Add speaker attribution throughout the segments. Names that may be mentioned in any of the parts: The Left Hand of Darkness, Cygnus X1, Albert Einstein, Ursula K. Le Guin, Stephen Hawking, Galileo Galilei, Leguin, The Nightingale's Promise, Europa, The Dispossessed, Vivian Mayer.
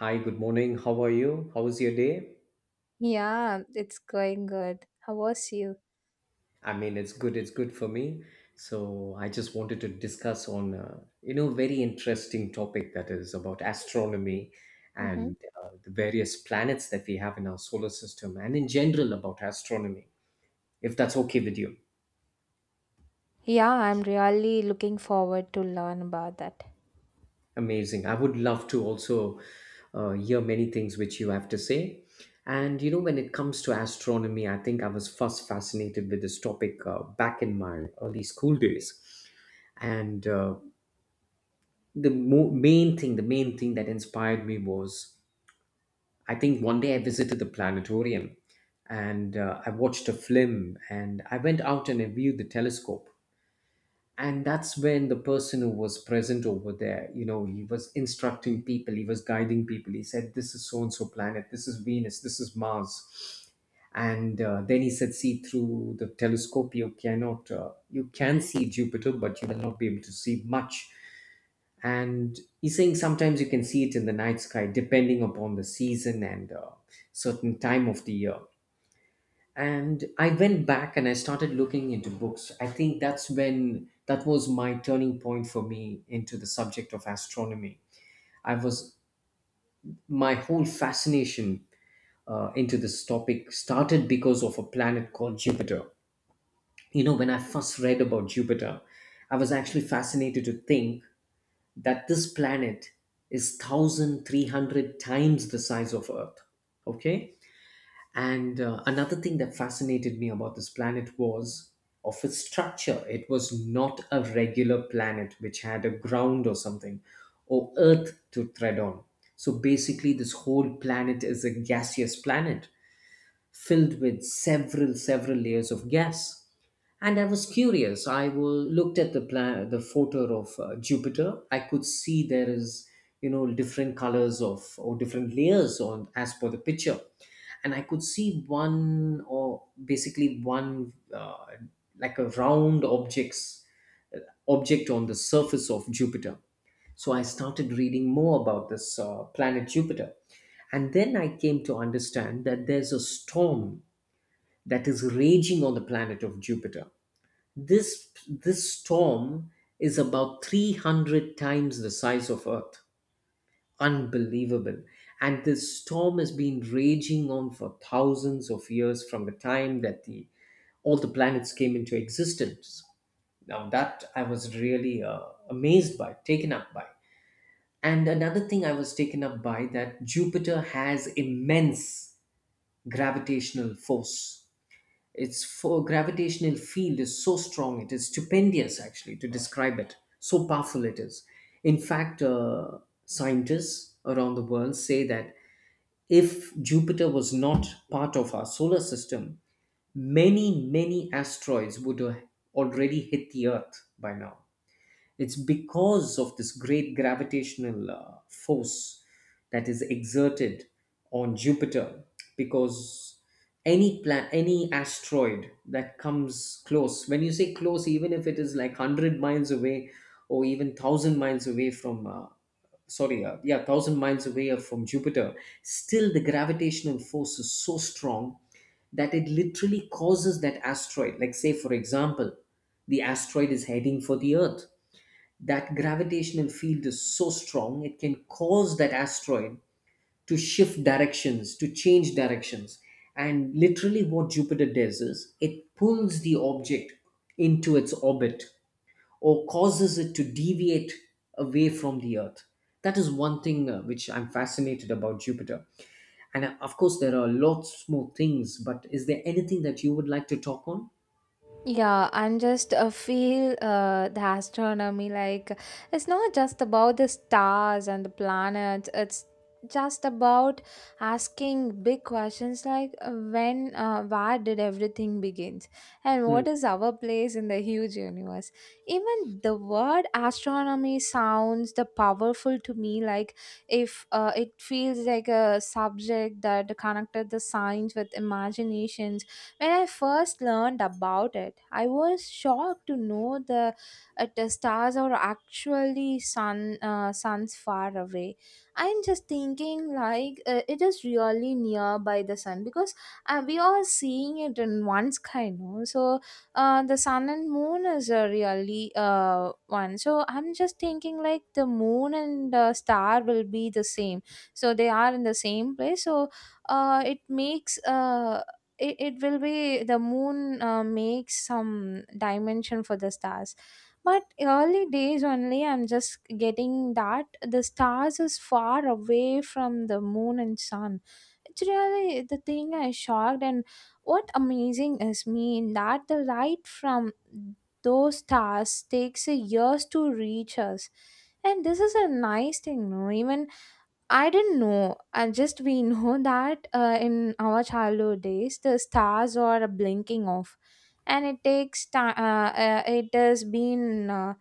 Speaker 1: Hi, good morning. How are you? How was your day?
Speaker 2: Yeah, it's going good. How was you?
Speaker 1: I mean, it's good. It's good for me. So I just wanted to discuss on, very interesting topic that is about astronomy and
Speaker 2: Mm-hmm.
Speaker 1: the various planets that we have in our solar system and in general about astronomy, if that's okay with you.
Speaker 2: Yeah, I'm really looking forward to learn about that.
Speaker 1: Amazing. I would love to also hear many things which you have to say. And when it comes to astronomy, I think I was first fascinated with this topic back in my early school days and the mo- main thing the main thing that inspired me was, I think, one day I visited the planetarium. And I watched a film and I went out and I viewed the telescope. And that's when the person who was present over there, he was instructing people, he was guiding people. He said, "This is so and so planet. This is Venus, this is Mars." And then he said, "See through the telescope. You cannot you can see Jupiter, but you will not be able to see much." And he's saying sometimes you can see it in the night sky depending upon the season and certain time of the year. And I went back and I started looking into books. I think that's when, that was my turning point for me into the subject of astronomy. I was my whole fascination uh, into this topic started because of a planet called Jupiter. You know, when I first read about Jupiter, I was actually fascinated to think that this planet is 1300 times the size of Earth. Okay. And another thing that fascinated me about this planet was of its structure. It was not a regular planet which had a ground or something, or earth to tread on. So basically this whole planet is a gaseous planet filled with several layers of gas. And I was curious. I will looked at the plan the photo of Jupiter. I could see there is, different colors of or different layers on as per the picture. And I could see one, or basically one, like a round objects object on the surface of Jupiter. So I started reading more about this planet Jupiter. And then I came to understand that there's a storm that is raging on the planet of Jupiter. This storm is about 300 times the size of Earth. Unbelievable. And this storm has been raging on for thousands of years from the time that the all the planets came into existence. Now, that I was really amazed by, taken up by. And another thing I was taken up by, that Jupiter has immense gravitational force. Its gravitational field is so strong. It is stupendous, actually, to describe it. So powerful it is. In fact, scientists around the world say that if Jupiter was not part of our solar system, many, many asteroids would have already hit the Earth by now. It's because of this great gravitational force that is exerted on Jupiter, because any asteroid that comes close, when you say close, even if it is like 100 miles away, or even 1,000 miles away from yeah, 1,000 miles away from Jupiter, still the gravitational force is so strong that it literally causes that asteroid. Like, say, for example, the asteroid is heading for the Earth, that gravitational field is so strong it can cause that asteroid to shift directions, to change directions. And literally what Jupiter does is it pulls the object into its orbit, or causes it to deviate away from the Earth. That is one thing which I'm fascinated about Jupiter. And of course there are lots more things, but is there anything that you would like to talk on?
Speaker 2: Yeah, and just feel the astronomy like it's not just about the stars and the planets, it's just about asking big questions like where did everything begins, and
Speaker 1: Hmm.
Speaker 2: what is our place in the huge universe. Even the word astronomy sounds the powerful to me, like if it feels like a subject that connected the science with imaginations. When I first learned about it, I was shocked to know the stars are actually suns far away. I'm just thinking like it is really near by the sun because we are seeing it in one sky, no? So the sun and moon is a really one. So I'm just thinking like the moon and star will be the same. So they are in the same place. So uh, it makes uh, it will be the moon makes some dimension for the stars, but early days only I'm just getting that the stars is far away from the moon and sun. It's really the thing I shocked, and what amazing is me in that the light from those stars takes a years to reach us. And this is a nice thing, no? Even I didn't know. I just we know that in our childhood days, the stars are blinking off, and it takes time. It has been uh,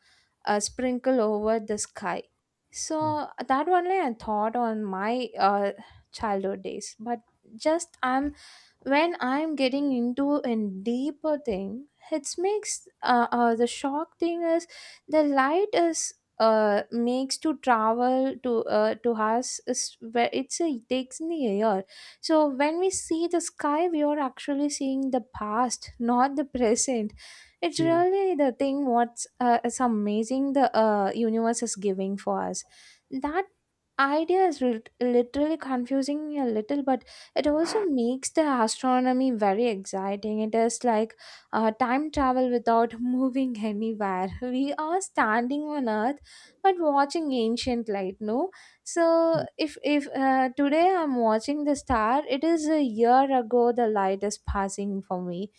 Speaker 2: uh, sprinkle over the sky. So that only I thought on my childhood days. But just I'm when I'm getting into a deeper thing, it makes the shock thing is the light is makes to travel to us is where it's a it takes in the air. So when we see the sky, we are actually seeing the past, not the present. It's
Speaker 1: Hmm.
Speaker 2: really the thing what's it's amazing the universe is giving for us. That idea is literally confusing me a little, but it also makes the astronomy very exciting. It is like time travel without moving anywhere. We are standing on earth but watching ancient light, no? So if today I'm watching the star, it is a year ago the light is passing for me.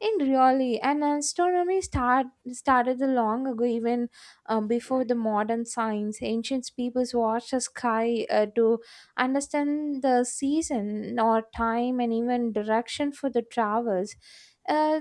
Speaker 2: In really, and started long ago, even before the modern science. Ancient peoples watched the sky to understand the season or time and even direction for the travels. Uh,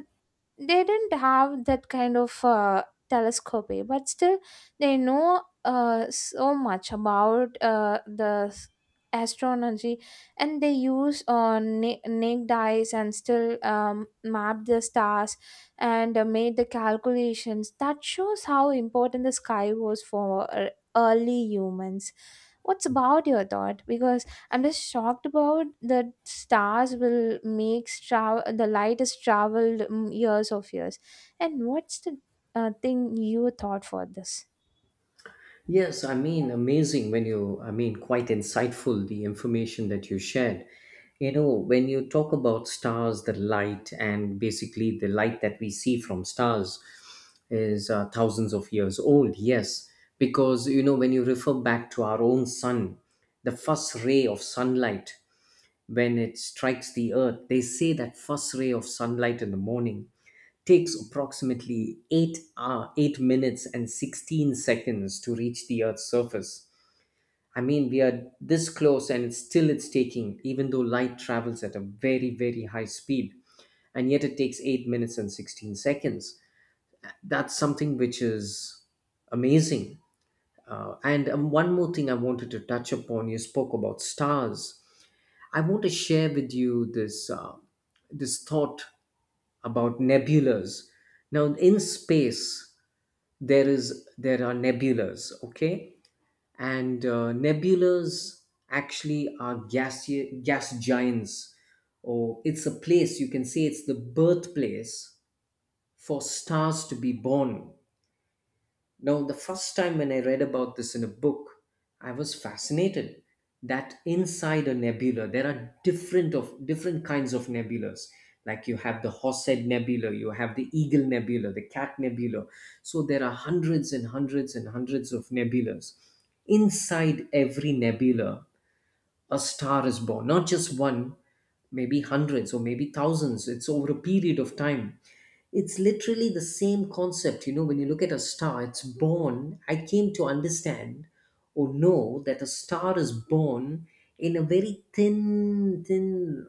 Speaker 2: they didn't have that kind of telescopy, but still they know so much about astronomy. And they use naked eyes and still map the stars and made the calculations that shows how important the sky was for early humans. What's about your thought? Because I'm just shocked about that stars will make travel the light is traveled years of years. And what's the thing you thought for this?
Speaker 1: Yes, I mean, amazing when you, I mean, quite insightful the information that you shared. You know, when you talk about stars, the light, and basically the light that we see from stars is thousands of years old, yes. Because, you know, when you refer back to our own sun, the first ray of sunlight, when it strikes the earth, they say that first ray of sunlight in the morning takes approximately 8 hour, 8 minutes and 16 seconds to reach the earth's surface. I mean, we are this close and it's still, it's taking, even though light travels at a very, very high speed, and yet it takes 8 minutes and 16 seconds. That's something which is amazing. And One more thing I wanted to touch upon, you spoke about stars. I want to share with you this this thought about nebulas. Now, in space, there are nebulas. Okay. And nebulas actually are gas giants, or it's a place, you can say it's the birthplace for stars to be born. Now, the first time when I read about this in a book, I was fascinated that inside a nebula there are different kinds of nebulas. Like you have the Horsehead Nebula, you have the Eagle Nebula, the Cat Nebula. So there are hundreds and hundreds and hundreds of nebulas. Inside every nebula, a star is born, not just one, maybe hundreds, or maybe thousands. It's over a period of time. It's literally the same concept. You know, when you look at a star, it's born. I came to understand or know that a star is born in a very thin,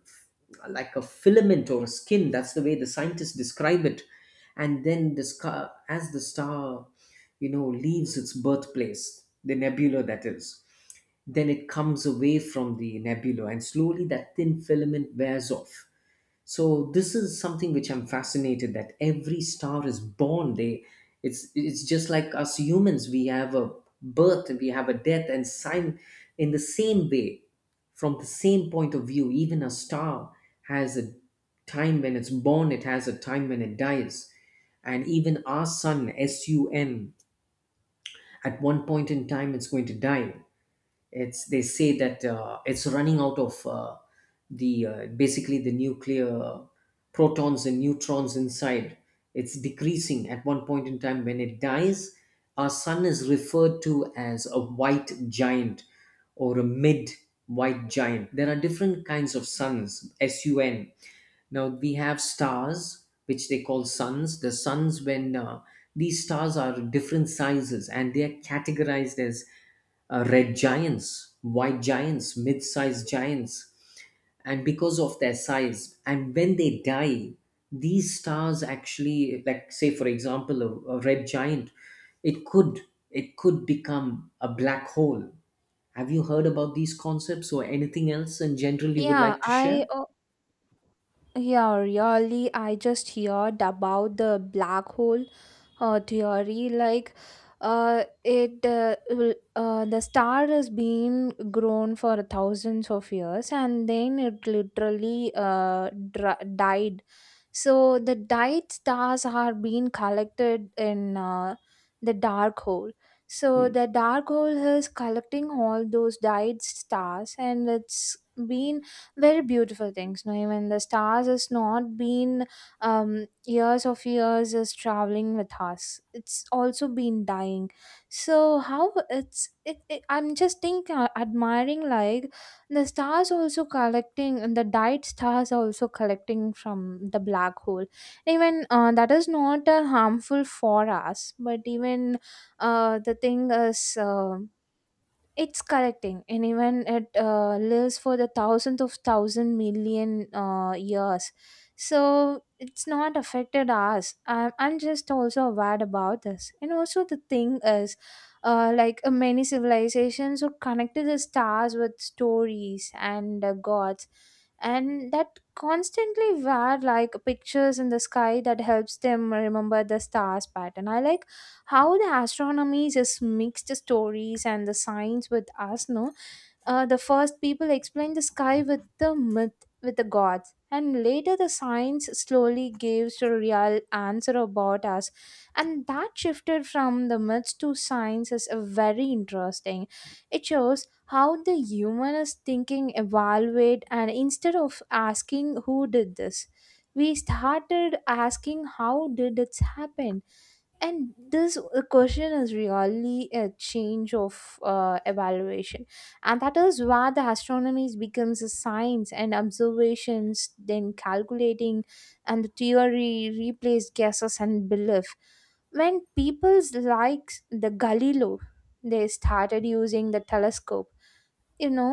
Speaker 1: like a filament or a skin, that's the way the scientists describe it. And then as the star, you know, leaves its birthplace, the nebula that is, then it comes away from the nebula and slowly that thin filament wears off. So this is something which I'm fascinated, that every star is born. They It's just like us humans. We have a birth, we have a death and sign, in the same way, from the same point of view, even a star has a time when it's born, it has a time when it dies. And even our sun, at one point in time, it's going to die. It's they say that it's running out of the basically the nuclear protons and neutrons inside, it's decreasing. At one point in time when it dies, our sun is referred to as a white giant, or a mid white giant. There are different kinds of suns sun. Now we have stars which they call suns, the suns, when these stars are different sizes and they are categorized as red giants, white giants, mid sized giants. And because of their size, and when they die, these stars actually, like, say, for example, a red giant, it could it could become a black hole. Have you heard about these concepts or anything else in general you would
Speaker 2: Yeah,
Speaker 1: like to
Speaker 2: I
Speaker 1: share?
Speaker 2: Yeah, really. I just heard about the black hole theory. Like, the star has been grown for thousands of years, and then it literally died. So the died stars are being collected in the dark hole. So
Speaker 1: Hmm.
Speaker 2: the dark hole is collecting all those died stars, and it's been very beautiful things, no? Even the stars has not been years of years is traveling with us, it's also been dying. So how it's it I'm just think admiring like the stars also collecting and the died stars also collecting from the black hole. Even that is not harmful for us, but even the thing is it's correcting, and even it lives for the thousandth of thousand million years. So it's not affected us. I'm just also aware about this. And also the thing is many civilizations were connected the stars with stories and gods. And that constantly wear like pictures in the sky that helps them remember the stars pattern. I like how the astronomy just mixed stories and the science with us, no? The first people explained the sky with the myth with the gods, and later the science slowly gives a real answer about us. And that shifted from the myths to science is a very interesting. It shows how the humanist thinking evaluate, and instead of asking who did this, we started asking how did it happen. And this question is really a change of evaluation. And that is why the astronomy becomes a science, and observations then calculating and the theory replaced guesses and belief. When people's likes the Galileo, they started using the telescope, you know.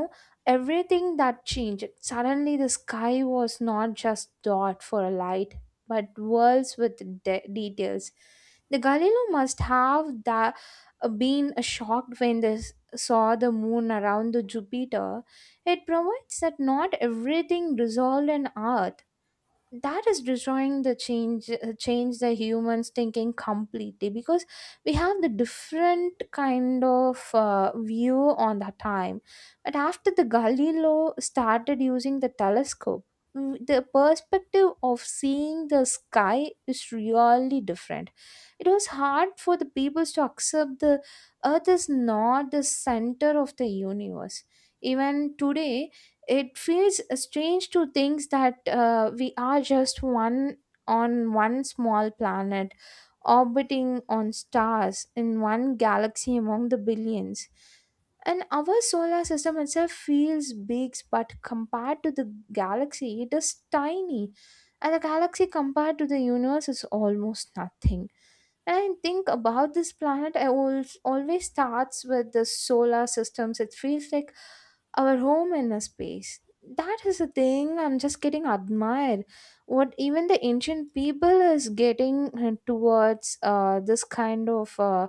Speaker 2: Everything that changed, suddenly the sky was not just dot for a light, but worlds with details. The Galileo must have that been shocked when they saw the moon around the Jupiter. It provides that not everything resolved in hour. That is destroying the change the humans thinking completely, because we have the different kind of view on the time. But after the Galileo started using the telescope, the perspective of seeing the sky is really different. It was hard for the peoples to accept the earth is not the center of the universe. Even today, it feels strange to think that we are just one on one small planet orbiting on stars in one galaxy among the billions. And our solar system itself feels big, but compared to the galaxy, it is tiny. And the galaxy compared to the universe is almost nothing. And I think about this planet, I always always starts with the solar systems. It feels like our home in a space. That is a thing I'm just getting admired. What even the ancient people is getting towards this kind of uh,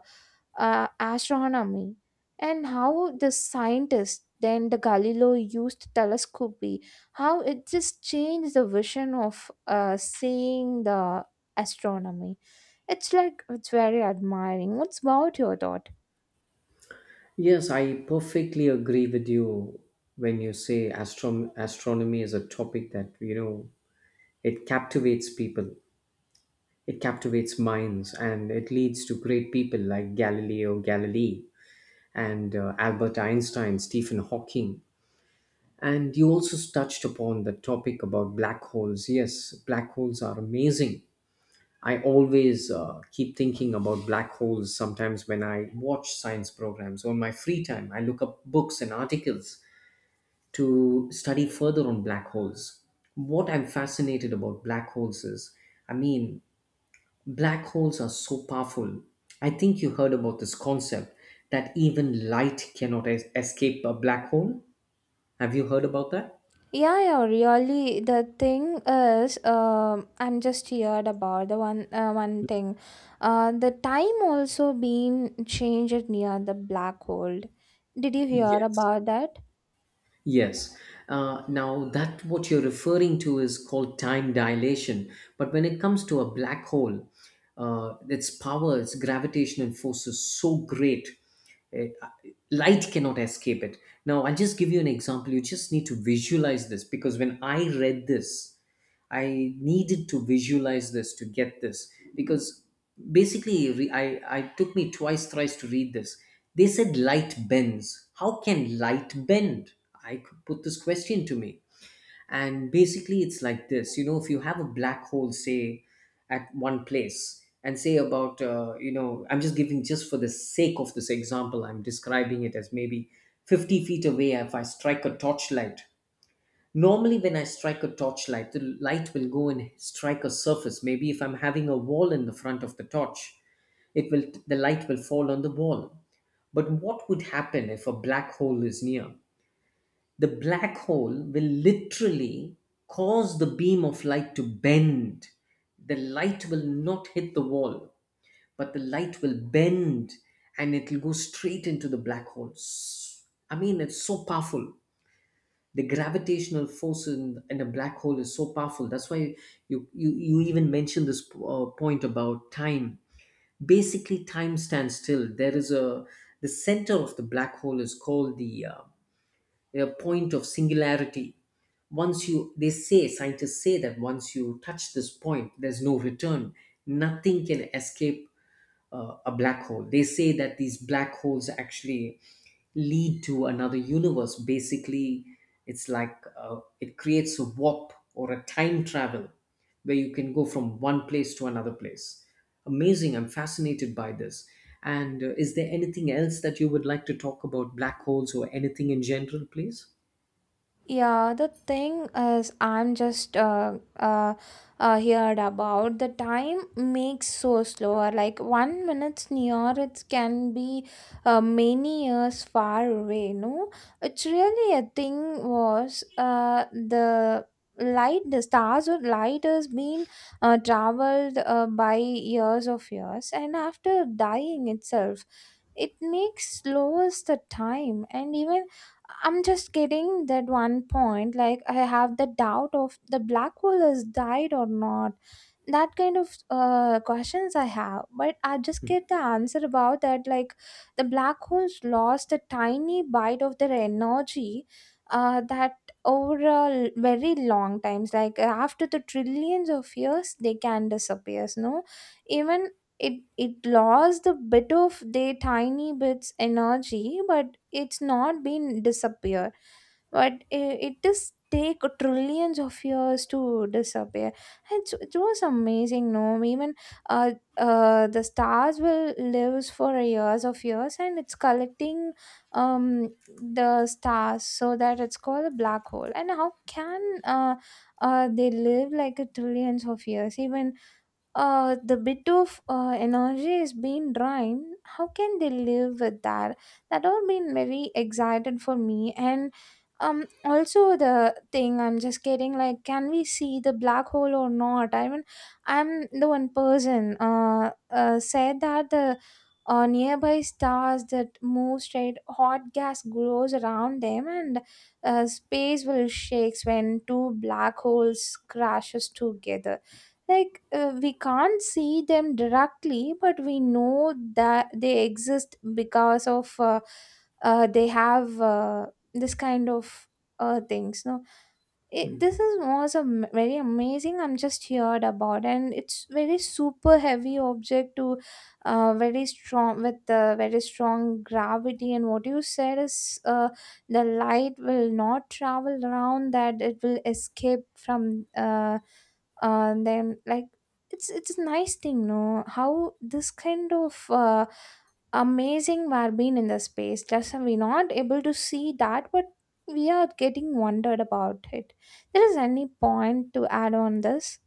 Speaker 2: uh, astronomy, and how the scientists then the Galileo used telescopy, how it just changed the vision of seeing the astronomy. It's like it's very admiring. What's about your thought?
Speaker 1: Yes, I perfectly agree with you when you say astronomy is a topic that, you know, it captivates people. It captivates minds and it leads to great people like Galileo Galilei and Albert Einstein, Stephen Hawking. And you also touched upon the topic about black holes. Yes, black holes are amazing. I always keep thinking about black holes sometimes when I watch science programs or my free time. I look up books and articles to study further on black holes. What I'm fascinated about black holes is, I mean, black holes are so powerful. I think you heard about this concept that even light cannot escape a black hole. Have you heard about that?
Speaker 2: Yeah, yeah, really. The thing is, I'm just heard about the one, one thing. The time also being changed near the black hole. Did you hear
Speaker 1: Yes.
Speaker 2: about that?
Speaker 1: Yes. Now, that what you're referring to is called time dilation. But when it comes to a black hole, its power, its gravitational force is so great, eh, uh, light cannot escape it. Now, I'll just give you an example. You just need to visualize this because when I read this, I needed to visualize this to get this, because basically I took me twice thrice to read this. They said light bends. How can light bend? I could put this question to me. And basically it's like this, you know, if you have a black hole say at one place and say about, I'm just giving, just for the sake of this example, I'm describing it as maybe 50 feet away. If I strike a torchlight, normally, when I strike a torchlight, the light will go and strike a surface. Maybe if I'm having a wall in the front of the torch, it will the light will fall on the wall. But what would happen if a black hole is near? The black hole will literally cause the beam of light to bend. The light will not hit the wall, but the light will bend and it will go straight into the black holes. I mean, it's so powerful. The gravitational force in a black hole is so powerful. That's why you even mentioned this point about time. Basically time stands still. There is a The center of the black hole is called the a point of singularity. Once you, they say, scientists say that once you touch this point there's no return, nothing can escape a black hole. They say that these black holes actually lead to another universe. Basically, it's like it creates a warp or a time travel where you can go from one place to another place. Amazing. I'm fascinated by this. And is there anything else that you would like to talk about black holes or anything in general, please?
Speaker 2: Yeah, the thing is, I'm just heard about the time makes so slower. Like one minute's near, it can be many years far away. No, it's really a thing. Was the light the stars or light has been traveled by years of years, and after dying itself it makes slows the time. And even I'm just getting that one point. Like I have the doubt of the black hole has died or not, that kind of questions I have. But I just get the answer about that, like the black holes lost a tiny bite of their energy, that over a very long times. Like after the trillions of years they can disappear, no? Even it it lost a bit of their tiny bits energy, but it's not been disappear. But it does take trillions of years to disappear. It was amazing, no? Even the stars will lives for years of years, and it's collecting the stars, so that it's called a black hole. And how can they live like a trillions of years? Even the bit of energy is being drained. How can they live with that? That all been very excited for me. And also the thing I'm just getting like can we see the black hole or not. I mean, I'm the one person said that the nearby stars that move straight hot gas grows around them, and space will shakes when two black holes crashes together. Like we can't see them directly, but we know that they exist because of they have this kind of things, no? It,
Speaker 1: Hmm.
Speaker 2: this is was a very amazing I'm just heard about. And it's very super heavy object to very strong with very strong gravity. And what you said is the light will not travel around that, it will escape from them. Like it's a nice thing, no, how this kind of amazing we are being in the space, just we not able to see that, but we are getting wondered about it. There is any point to add on this?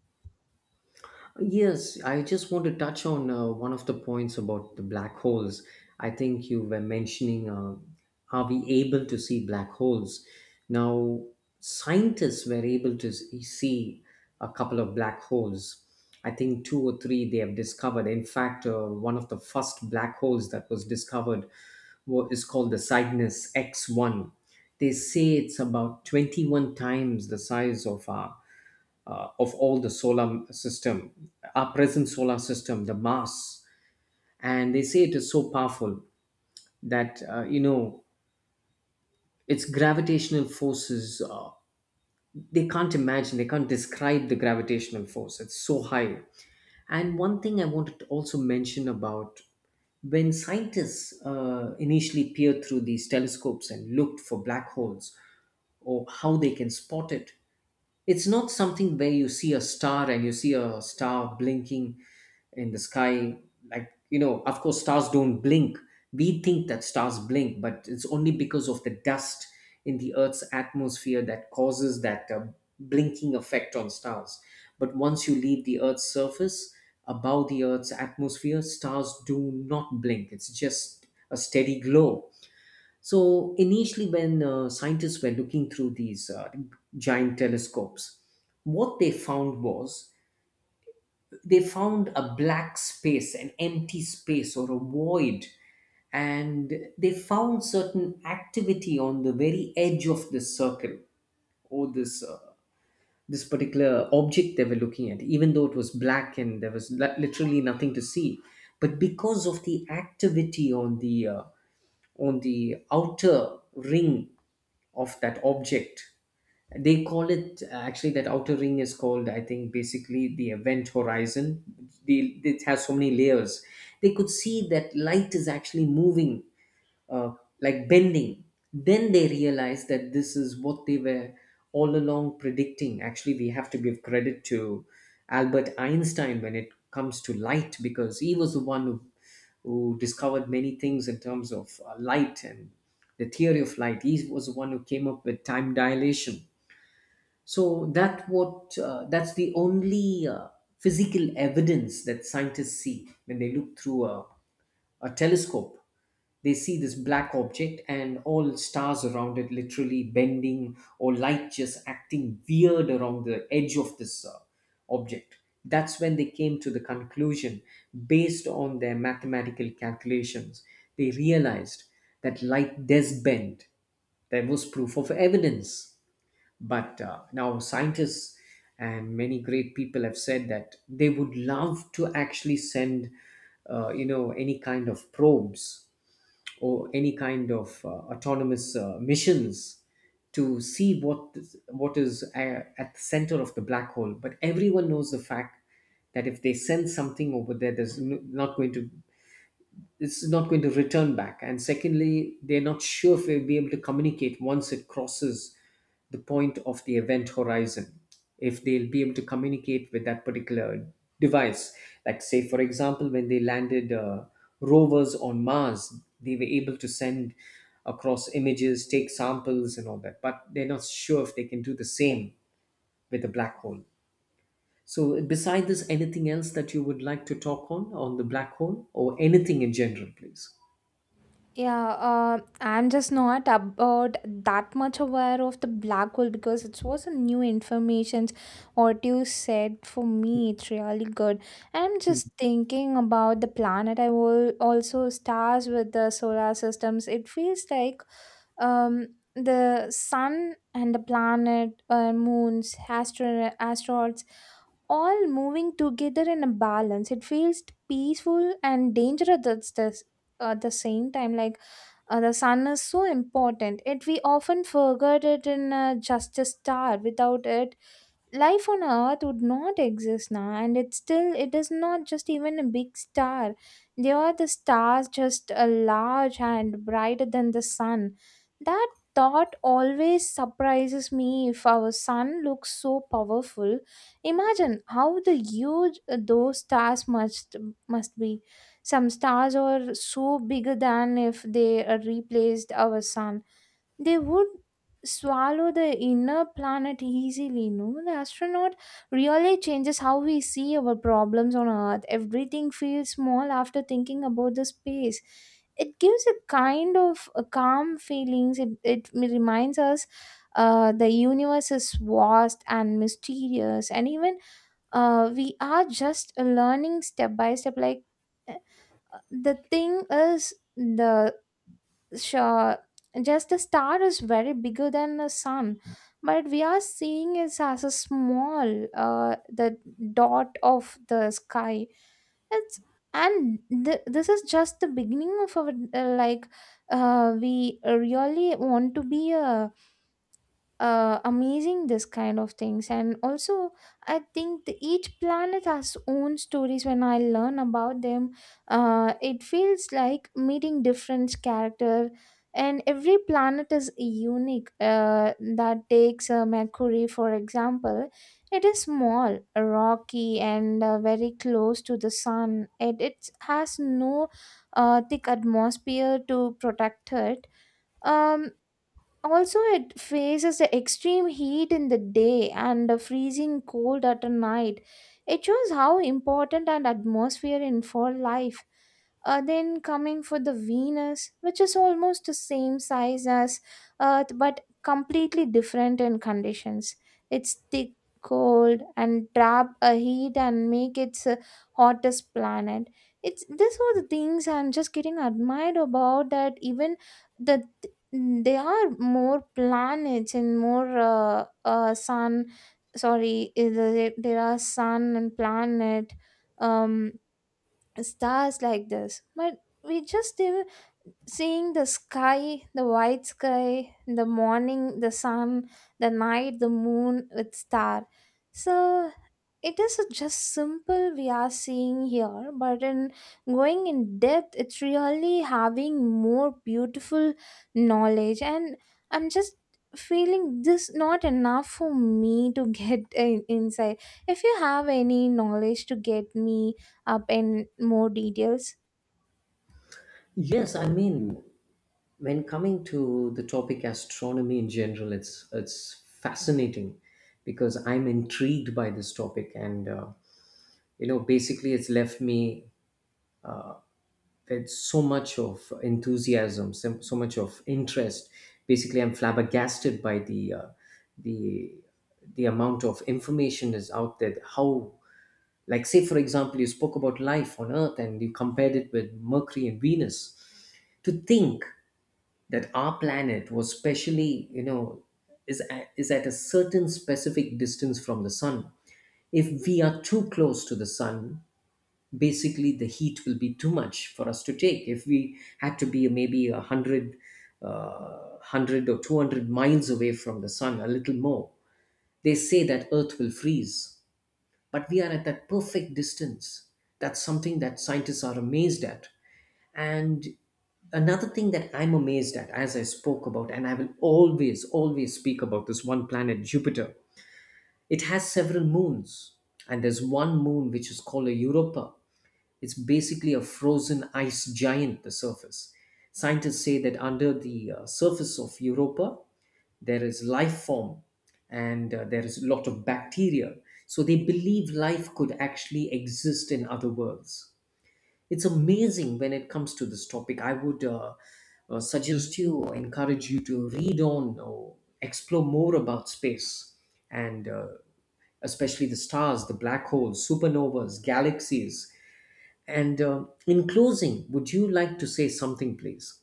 Speaker 1: Yes, I just want to touch on one of the points about the black holes. I think you were mentioning, are we able to see black holes? Now, scientists were able to see a couple of black holes. I think two or three they have discovered. In fact, one of the first black holes that was discovered is called the Cygnus X1. They say it's about 21 times the size of our of all the solar system, our present solar system, the mass, and they say it is so powerful that, you know, its gravitational forces. They can't imagine, they can't describe the gravitational force. It's so high. And one thing I wanted to also mention about when scientists initially peered through these telescopes and looked for black holes or how they can spot it, it's not something where you see a star and you see a star blinking in the sky. Like, you know, of course, stars don't blink. We think that stars blink, but it's only because of the dust in the Earth's atmosphere that causes that blinking effect on stars. But once you leave the Earth's surface, above the Earth's atmosphere, stars do not blink. It's just a steady glow. So initially, when scientists were looking through these giant telescopes, what they found was they found a black space, an empty space or a void, and they found certain activity on the very edge of this circle or this this particular object they were looking at. Even though it was black and there was literally nothing to see, but because of the activity on the outer ring of that object, they call it, actually that outer ring is called, I think, basically the event horizon. It has so many layers. They could see that light is actually moving, uh, like bending. Then they realize that this is what they were all along predicting. Actually, we have to give credit to Albert Einstein when it comes to light, because he was the one who discovered many things in terms of light and the theory of light. He was the one who came up with time dilation. So that what, that's the only physical evidence that scientists see when they look through a telescope. They see this black object and all stars around it literally bending, or light just acting weird around the edge of this object. That's when they came to the conclusion, based on their mathematical calculations, they realized that light does bend. There was proof of evidence. But now scientists and many great people have said that they would love to actually send, you know, any kind of probes or any kind of autonomous missions to see what is at the center of the black hole. But everyone knows the fact that if they send something over there, there's not going to, it's not going to return back. And secondly, they're not sure if they'll be able to communicate once it crosses the point of the event horizon, if they'll be able to communicate with that particular device. Like, say, for example, when they landed rovers on Mars, they were able to send across images, take samples, and all that, but they're not sure if they can do the same with a black hole. So, beside this, anything else that you would like to talk on the black hole or anything in general, please?
Speaker 2: Yeah, I'm just not about that much aware of the black hole because it was a new information. What you said for me, it's really good. I'm
Speaker 1: Hmm.
Speaker 2: just thinking about the planet. I will also stars with the solar systems. It feels like um the sun and the planet, moons, astro asteroids all moving together in a balance. It feels peaceful and dangerous at at the same time. Like the sun is so important. It we often forget it in just a star. Without it, life on earth would not exist now, and it's still it is not just even a big star. They are the stars just a large and brighter than the sun. That thought always surprises me. If our sun looks so powerful, imagine how the huge those stars must be. Some stars are so bigger than if they replaced our sun, they would swallow the inner planet easily, no? The astronaut really changes how we see our problems on earth. Everything feels small after thinking about the space. It gives a kind of a calm feelings. It reminds us the universe is vast and mysterious, and even we are just learning step by step. Like uh, the thing is the sure, just a star is very bigger than a sun, but we are seeing it as a small, the dot of the sky. It's, and this is just the beginning of our like we really want to be a amazing this kind of things. And also I think each planet has own stories. When I learn about them, it feels like meeting different character, and every planet is unique. That takes mercury for example. It is small, rocky, and very close to the sun. It has no thick atmosphere to protect it. um Also, it faces the extreme heat in the day and the freezing cold at the night. It shows how important an atmosphere in for life. Then coming for the venus, which is almost the same size as earth but completely different in conditions. It's thick, cold and trap a heat and make its hottest planet. It's this are the things I'm just getting admired about. That even the they are more planets and more sun. Sorry, is there are sun and planet, um, stars like this. But we just still seeing the sky, the white sky, the morning, the sun, the night, the moon with star. So it is a just simple we are seeing here, but in going in depth, it's really having more beautiful knowledge. And I'm just feeling this not enough for me to get inside. If you have any knowledge to get me up in more details.
Speaker 1: Yes, I mean, when coming to the topic astronomy in general, it's fascinating because I'm intrigued by this topic, and, you know, basically, it's left me with so much of enthusiasm, so, so much of interest. Basically, I'm flabbergasted by the the amount of information is out there. How, like, say for example, you spoke about life on Earth and you compared it with Mercury and Venus, to think that our planet was specially, you know, is at a certain specific distance from the sun. If we are too close to the sun, basically the heat will be too much for us to take. If we had to be maybe 100, 100 or 200 miles away from the sun, a little more, they say that earth will freeze. But we are at that perfect distance. That's something that scientists are amazed at. And another thing that I'm amazed at, as I spoke about, and I will always, always speak about this one planet, Jupiter, it has several moons. And there's one moon which is called a Europa. It's basically a frozen ice giant, the surface. Scientists say that under the surface of Europa, there is life form, and there is a lot of bacteria. So they believe life could actually exist in other worlds. It's amazing when it comes to this topic. I would, suggest you, or encourage you to read on or explore more about space and, especially the stars, the black holes, supernovas, galaxies. And in closing, would you like to say something, please?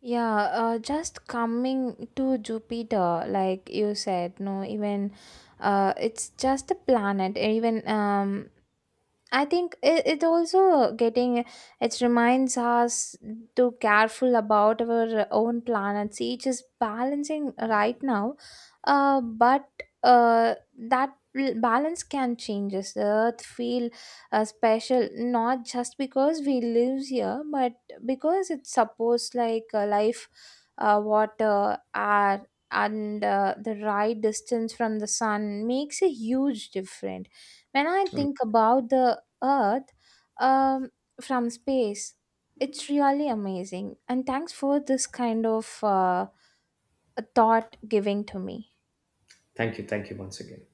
Speaker 2: Yeah, just coming to jupiter like you said, no? Even it's just a planet even. I think it also getting it reminds us to careful about our own planets. Each is balancing right now, but uh, that balance can change. The Earth feel special not just because we live here, but because it supports, like, life, water, air, and the right distance from the sun makes a huge difference. When I
Speaker 1: Um,
Speaker 2: think about the Earth um, from space, it's really amazing. And thanks for this kind of thought giving to me.
Speaker 1: thank you. Thank you once again.